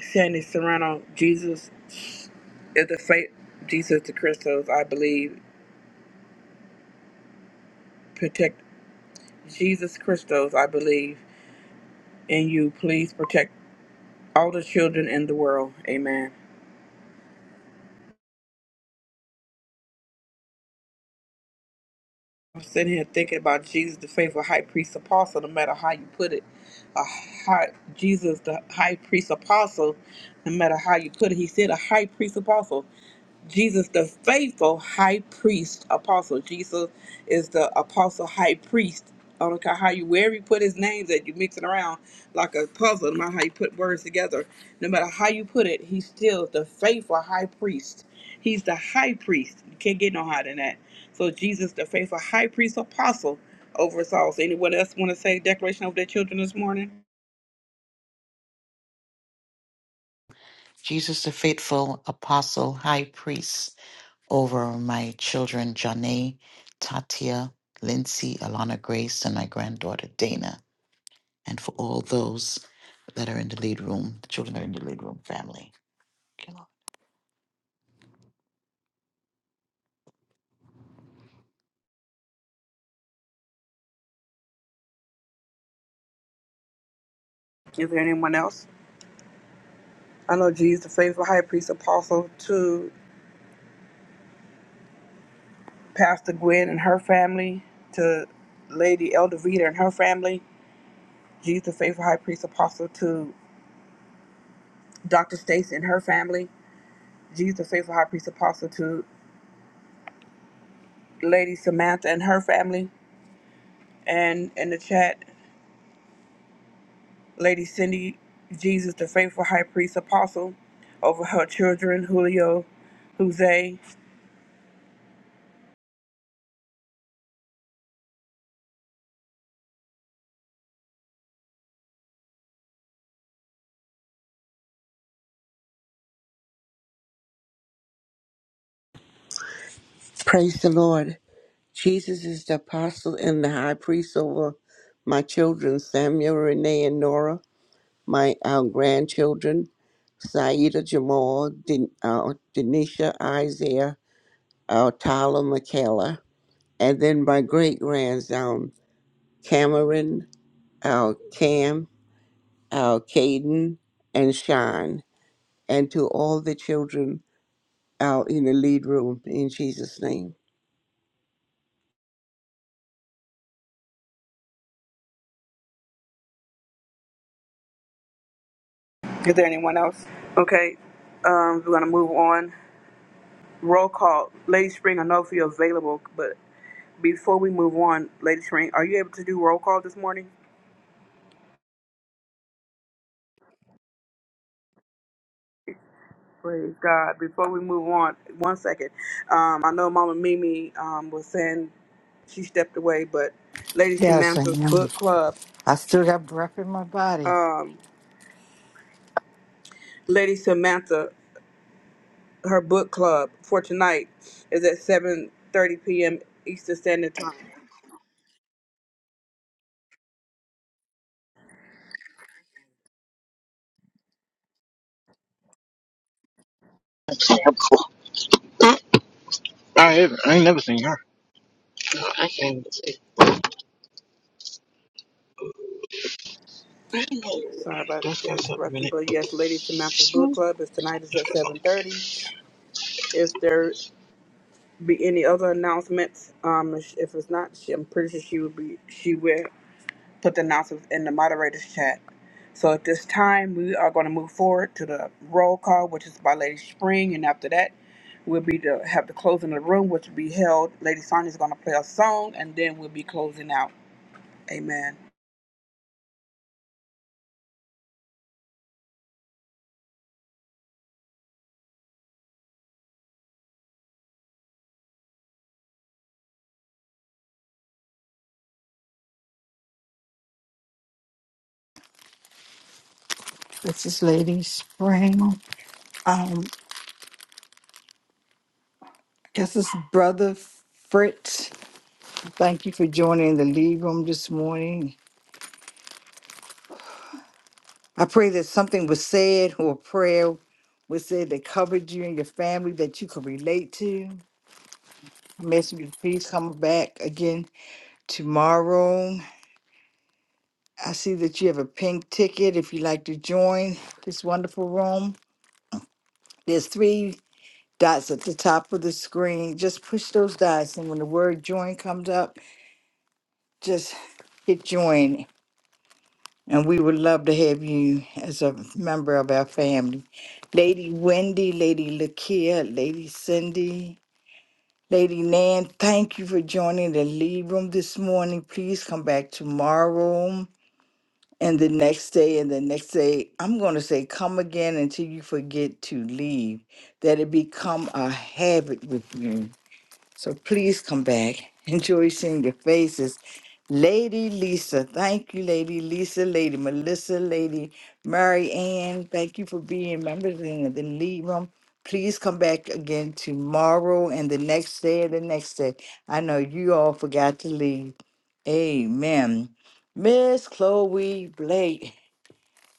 S3: Sandy Serrano, Jesus is the faith. Jesus the Christos, I believe. Protect Jesus Christos, I believe. and you please protect all the children in the world. Amen. I'm sitting here thinking about Jesus, the faithful high priest apostle, no matter how you put it. A high, Jesus, the high priest apostle, no matter how you put it, he said a high priest apostle. Jesus, the faithful high priest, apostle. Jesus is the apostle high priest. I don't care how you, wherever you put his name, that you mix it around like a puzzle, no matter how you put words together, no matter how you put it, he's still the faithful high priest. He's the high priest. You can't get no higher than that. So Jesus, the faithful high priest, apostle over us all. So anyone else want to say declaration over their children this morning?
S10: Jesus, the faithful apostle, high priest, over my children, Janae, Tatia, Lindsay, Alana Grace, and my granddaughter, Dana, and for all those that are in the lead room, the children that are in the lead room family.
S3: Is there anyone else? I know Jesus, the faithful high priest, apostle, too Pastor Gwen and her family, to Lady Elder Vita and her family, Jesus the faithful high priest apostle to Dr. Stacy and her family, Jesus the faithful high priest apostle to Lady Samantha and her family, and in the chat, Lady Cindy, Jesus the faithful high priest apostle over her children, Julio, Jose.
S11: Praise the Lord. Jesus is the apostle and the high priest over my children, Samuel, Renee, and Nora, my uh, grandchildren, Saida, Jamal, Den- uh, Denisha, Isaiah, uh, Tyler, Michaela, and then my great grandson, Cameron, uh, Cam, uh, Caden, and Sean, and to all the children out in the lead room in Jesus' name.
S3: Is there anyone else? Okay, um, we're gonna move on. Roll call. Lady Spring, I know if you're available, but Before we move on, Lady Shrink, are you able to do roll call this morning? Praise God. Before we move on, one second. Um, I know Mama Mimi um, was saying she stepped away, but Lady
S1: Yes, I
S3: Samantha's
S1: am.
S3: book club,
S1: I still got breath in my body.
S3: Lady Samantha, her book club for tonight is at 7:30 p.m. Eastern Standard Time.
S12: Before. I, haven't- I ain't never seen her. I can't.
S3: Sorry about
S12: That's
S3: the
S12: got something in
S3: interruption,
S12: it.
S3: but yes, Lady Samantha's book club is tonight is at 7:30. If there be any other announcements? Um, if if it's not, she, I'm pretty sure she would be. She will put the announcements in the moderators chat. So at this time, we are going to move forward to the roll call, which is by Lady Spring, and after that, we'll be to have the closing of the room, which will be held. Lady Sonya is going to play a song, and then we'll be closing out. Amen.
S1: This is Lady Spring. Um, I guess it's Brother Fritz. Thank you for joining the lead room this morning. I pray that something was said or a prayer was said that covered you and your family that you could relate to. I'm asking you to please come back again tomorrow. I see that you have a pink ticket if you'd like to join this wonderful room. There's three dots at the top of the screen. Just push those dots, and when the word join comes up, just hit join and we would love to have you as a member of our family. Lady Wendy, Lady Lakia, Lady Cindy, Lady Nan, thank you for joining the lead room this morning. Please come back tomorrow and the next day and the next day. I'm going to say come again until you forget to leave. That it become a habit with you. So please come back. Enjoy seeing your faces. Lady Lisa, thank you, Lady Lisa, Lady Melissa, Lady Mary Ann, thank you for being members in the lead room. Please come back again tomorrow and the next day and the next day. I know you all forgot to leave. Amen. Miss Chloe Blake.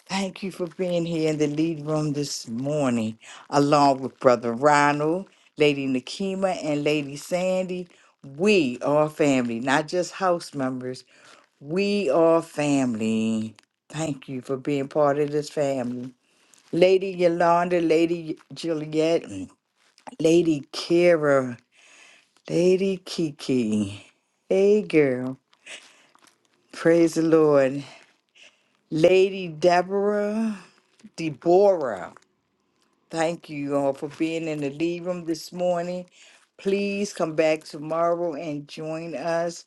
S1: Thank you for being here in the lead room this morning, along with Brother Ronald, Lady Nakima, and Lady Sandy. We are family, not just house members. We are family. Thank you for being part of this family. Lady Yolanda, Lady Juliet, and Lady Kira, Lady Kiki. Hey, girl. Praise the Lord. Lady Deborah, Deborah. Thank you all for being in the lead room this morning. Please come back tomorrow and join us.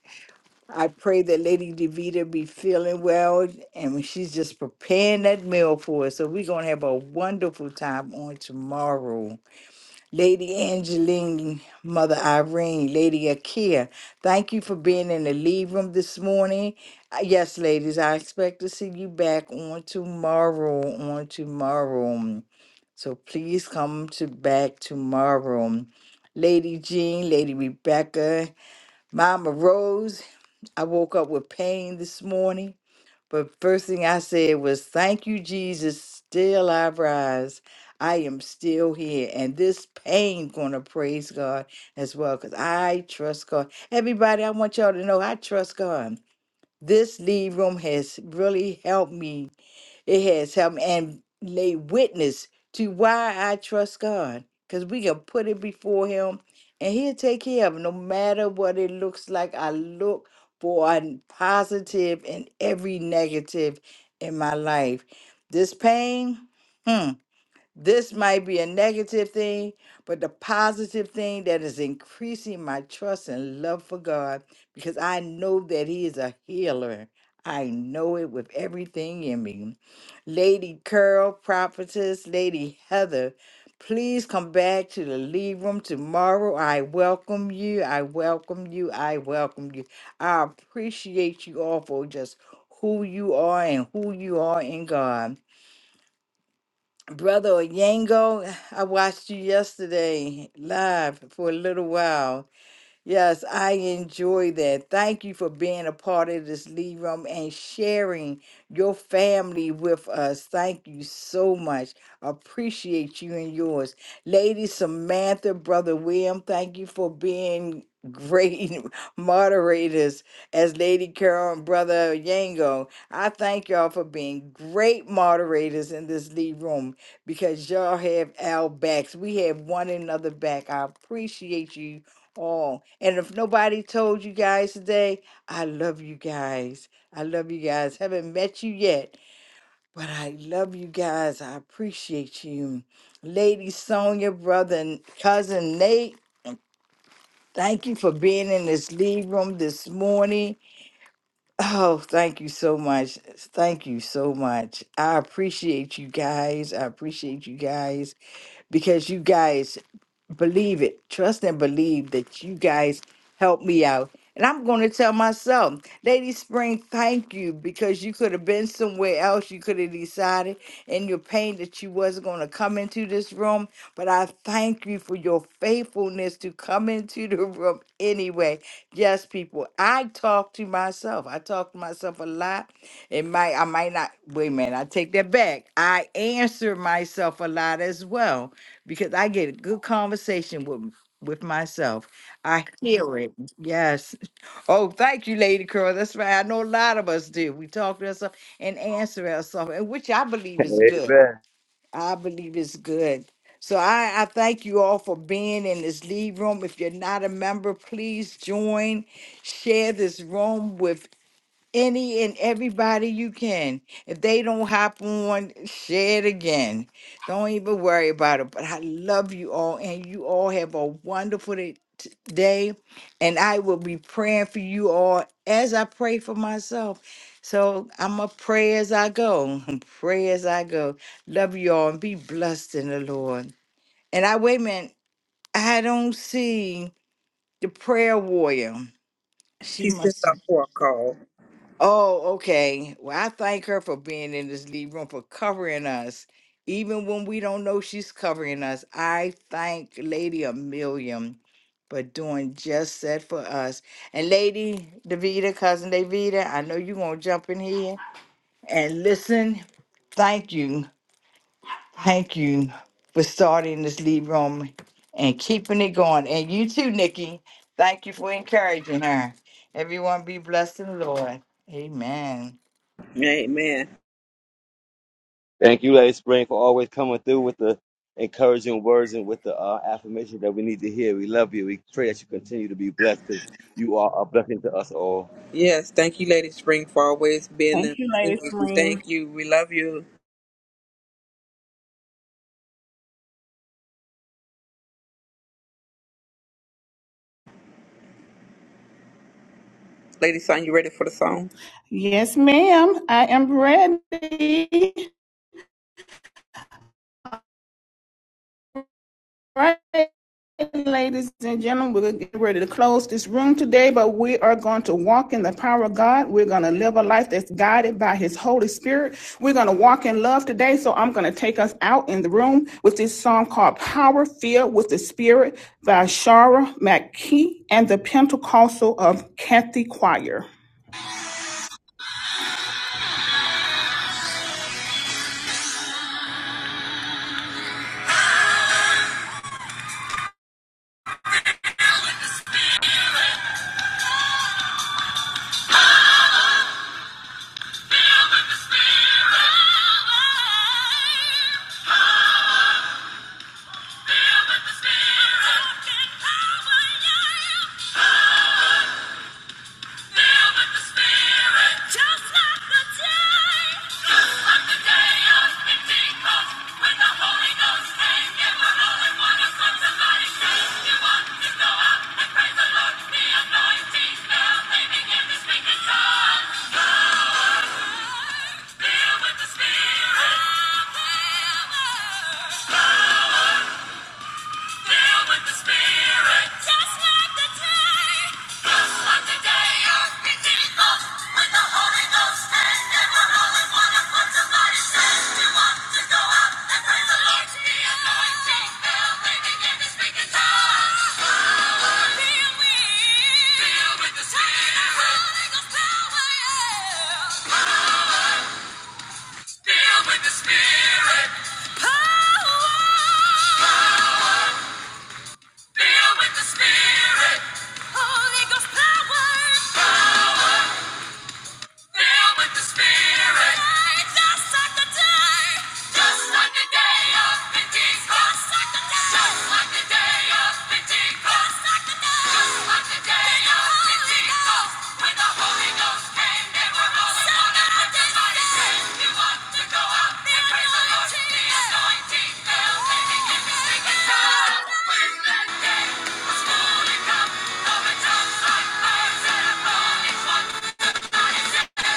S1: I pray that Lady DeVita be feeling well and she's just preparing that meal for us. So we're going to have a wonderful time on tomorrow. Lady Angeline, Mother Irene, Lady Akia, thank you for being in the lead room this morning. Uh, Yes, ladies, I expect to see you back on tomorrow, on tomorrow. So please come to back tomorrow. Lady Jean, Lady Rebecca, Mama Rose. I woke up with pain this morning, but first thing I said was, Thank you, Jesus. Still I rise. I am still here. And this pain gonna praise God as well. Cause I trust God. Everybody, I want y'all to know I trust God. This lead room has really helped me it has helped me and lay witness to why I trust God. Because we can put it before Him and He'll take care of it. No matter what it looks like, I look for a positive in every negative in my life. This pain. hmm, this might be a negative thing, but the positive thing that is increasing my trust and love for God because I know that He is a healer. I know it with everything in me. Lady Curl, prophetess, Lady Heather, please come back to the lead room tomorrow. I welcome you. I welcome you. I welcome you. I appreciate you all for just who you are and who you are in God. Brother Yango, I watched you yesterday live for a little while. Yes, I enjoy that. Thank you for being a part of this lead room and sharing your family with us. Thank you so much. Appreciate you and yours. Lady Samantha, Brother William, thank you for being great moderators as Lady Carol and Brother Yango. I thank y'all for being great moderators in this lead room because y'all have our backs. We have one another back. I appreciate you Oh, and if nobody told you guys today, I love you guys. I love you guys. Haven't met you yet, but I love you guys. I appreciate you. Lady Sonia, brother and cousin Nate, thank you for being in this lead room this morning. Oh, thank you so much. Thank you so much. I appreciate you guys. I appreciate you guys because you guys believe it. Trust and believe that you guys help me out. And I'm going to tell myself, Lady Spring, thank you because you could have been somewhere else. You could have decided in your pain that you wasn't going to come into this room. But I thank you for your faithfulness to come into the room anyway. Yes, people, I talk to myself. I talk to myself a lot. It might, I might not, wait a minute, I take that back. I answer myself a lot as well because I get a good conversation with with myself. I hear it. Yes. Oh, thank you, Lady Curl. That's right. I know a lot of us do. We talk to ourselves and answer ourselves, and which I believe is
S5: Amen.
S1: good.
S5: Amen.
S1: I believe is good. So I, I thank you all for being in this lead room. If you're not a member, please join. Share this room with any and everybody you can. If they don't hop on, share it again. Don't even worry about it. But I love you all, and you all have a wonderful day. t- day, And I will be praying for you all as I pray for myself. So I'm going to pray as I go. Pray as I go. Love you all and be blessed in the Lord. And I, wait a minute, I don't see the prayer warrior. She
S3: She stepped
S1: must.
S3: up for a call.
S1: Oh, okay. Well, I thank her for being in this lead room for covering us. Even when we don't know she's covering us, I thank Lady Amelia for doing just that for us. And Lady Davida, cousin Davida, I know you're gonna jump in here and listen. Thank you. Thank you for starting this lead room and keeping it going. And you too, Nikki. Thank you for encouraging her. Everyone be blessed in the Lord. Amen.
S3: Amen.
S5: Thank you, Lady Spring, for always coming through with the encouraging words and with the uh, affirmation that we need to hear. We love you. We pray that you continue to be blessed because you are a blessing to us all.
S3: Yes, thank you, Lady Spring, for always being
S2: Thank
S3: there.
S2: you, Lady Spring.
S3: Thank you. We love you, Lady Sonya. You ready for the song?
S2: Yes, ma'am. I am ready. Right, ladies and gentlemen, we're getting ready to close this room today, but we are going to walk in the power of God. We're going to live a life that's guided by His Holy Spirit. We're going to walk in love today. So I'm going to take us out in the room with this song called Power Filled with the Spirit by Shara McKee and the Pentecostal of Kathy Choir. Filled with the Spirit. Fill with the Spirit. Just like the day. Just like the day of Pentecost. When the Holy Ghost came, all in one accord. Somebody said, "We want to go out and praise the Lord." The anointing fell. They began to speak in tongues. Power. Filled with- the Holy Ghost power. Filled with the Spirit. Power. Fill with the Spirit. Holy Ghost power. Power. Filled with the Spirit. Just like the day. Just like the day of Pentecost. Just like the day. Just like the day of Pentecost. Just like the day. Just like the day of Pentecost. When the Holy Ghost came, they were all upon us. Everybody said, "You ought to go out and praise the Lord." The anointing fell, and he began to speak in tongues. When that day was fully come, all the tongues like fire set upon each one.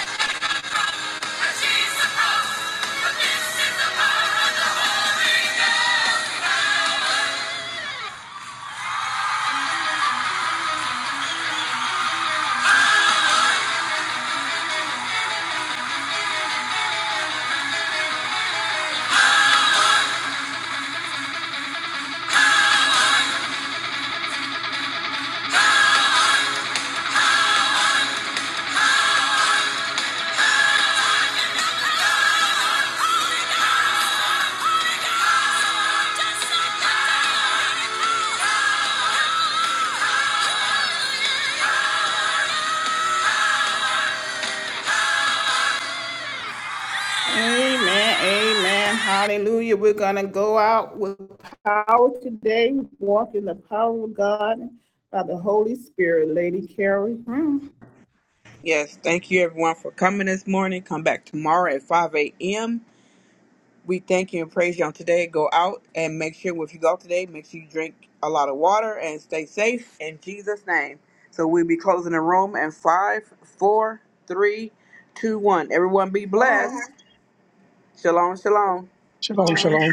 S2: Amen. Amen. Hallelujah. We're going to go out with power today, walk in the power of God by the Holy Spirit. Lady Carrie. Hmm.
S3: Yes, thank you everyone for coming this morning. Come back tomorrow at 5 a.m. We thank you and praise you on today. Go out and make sure if you go out today, make sure you drink a lot of water and stay safe in Jesus' name. So we'll be closing the room in five, four, three, two, one. Everyone be
S2: Lord.
S3: blessed. Shalom, shalom.
S7: Shalom,
S2: uh,
S7: shalom.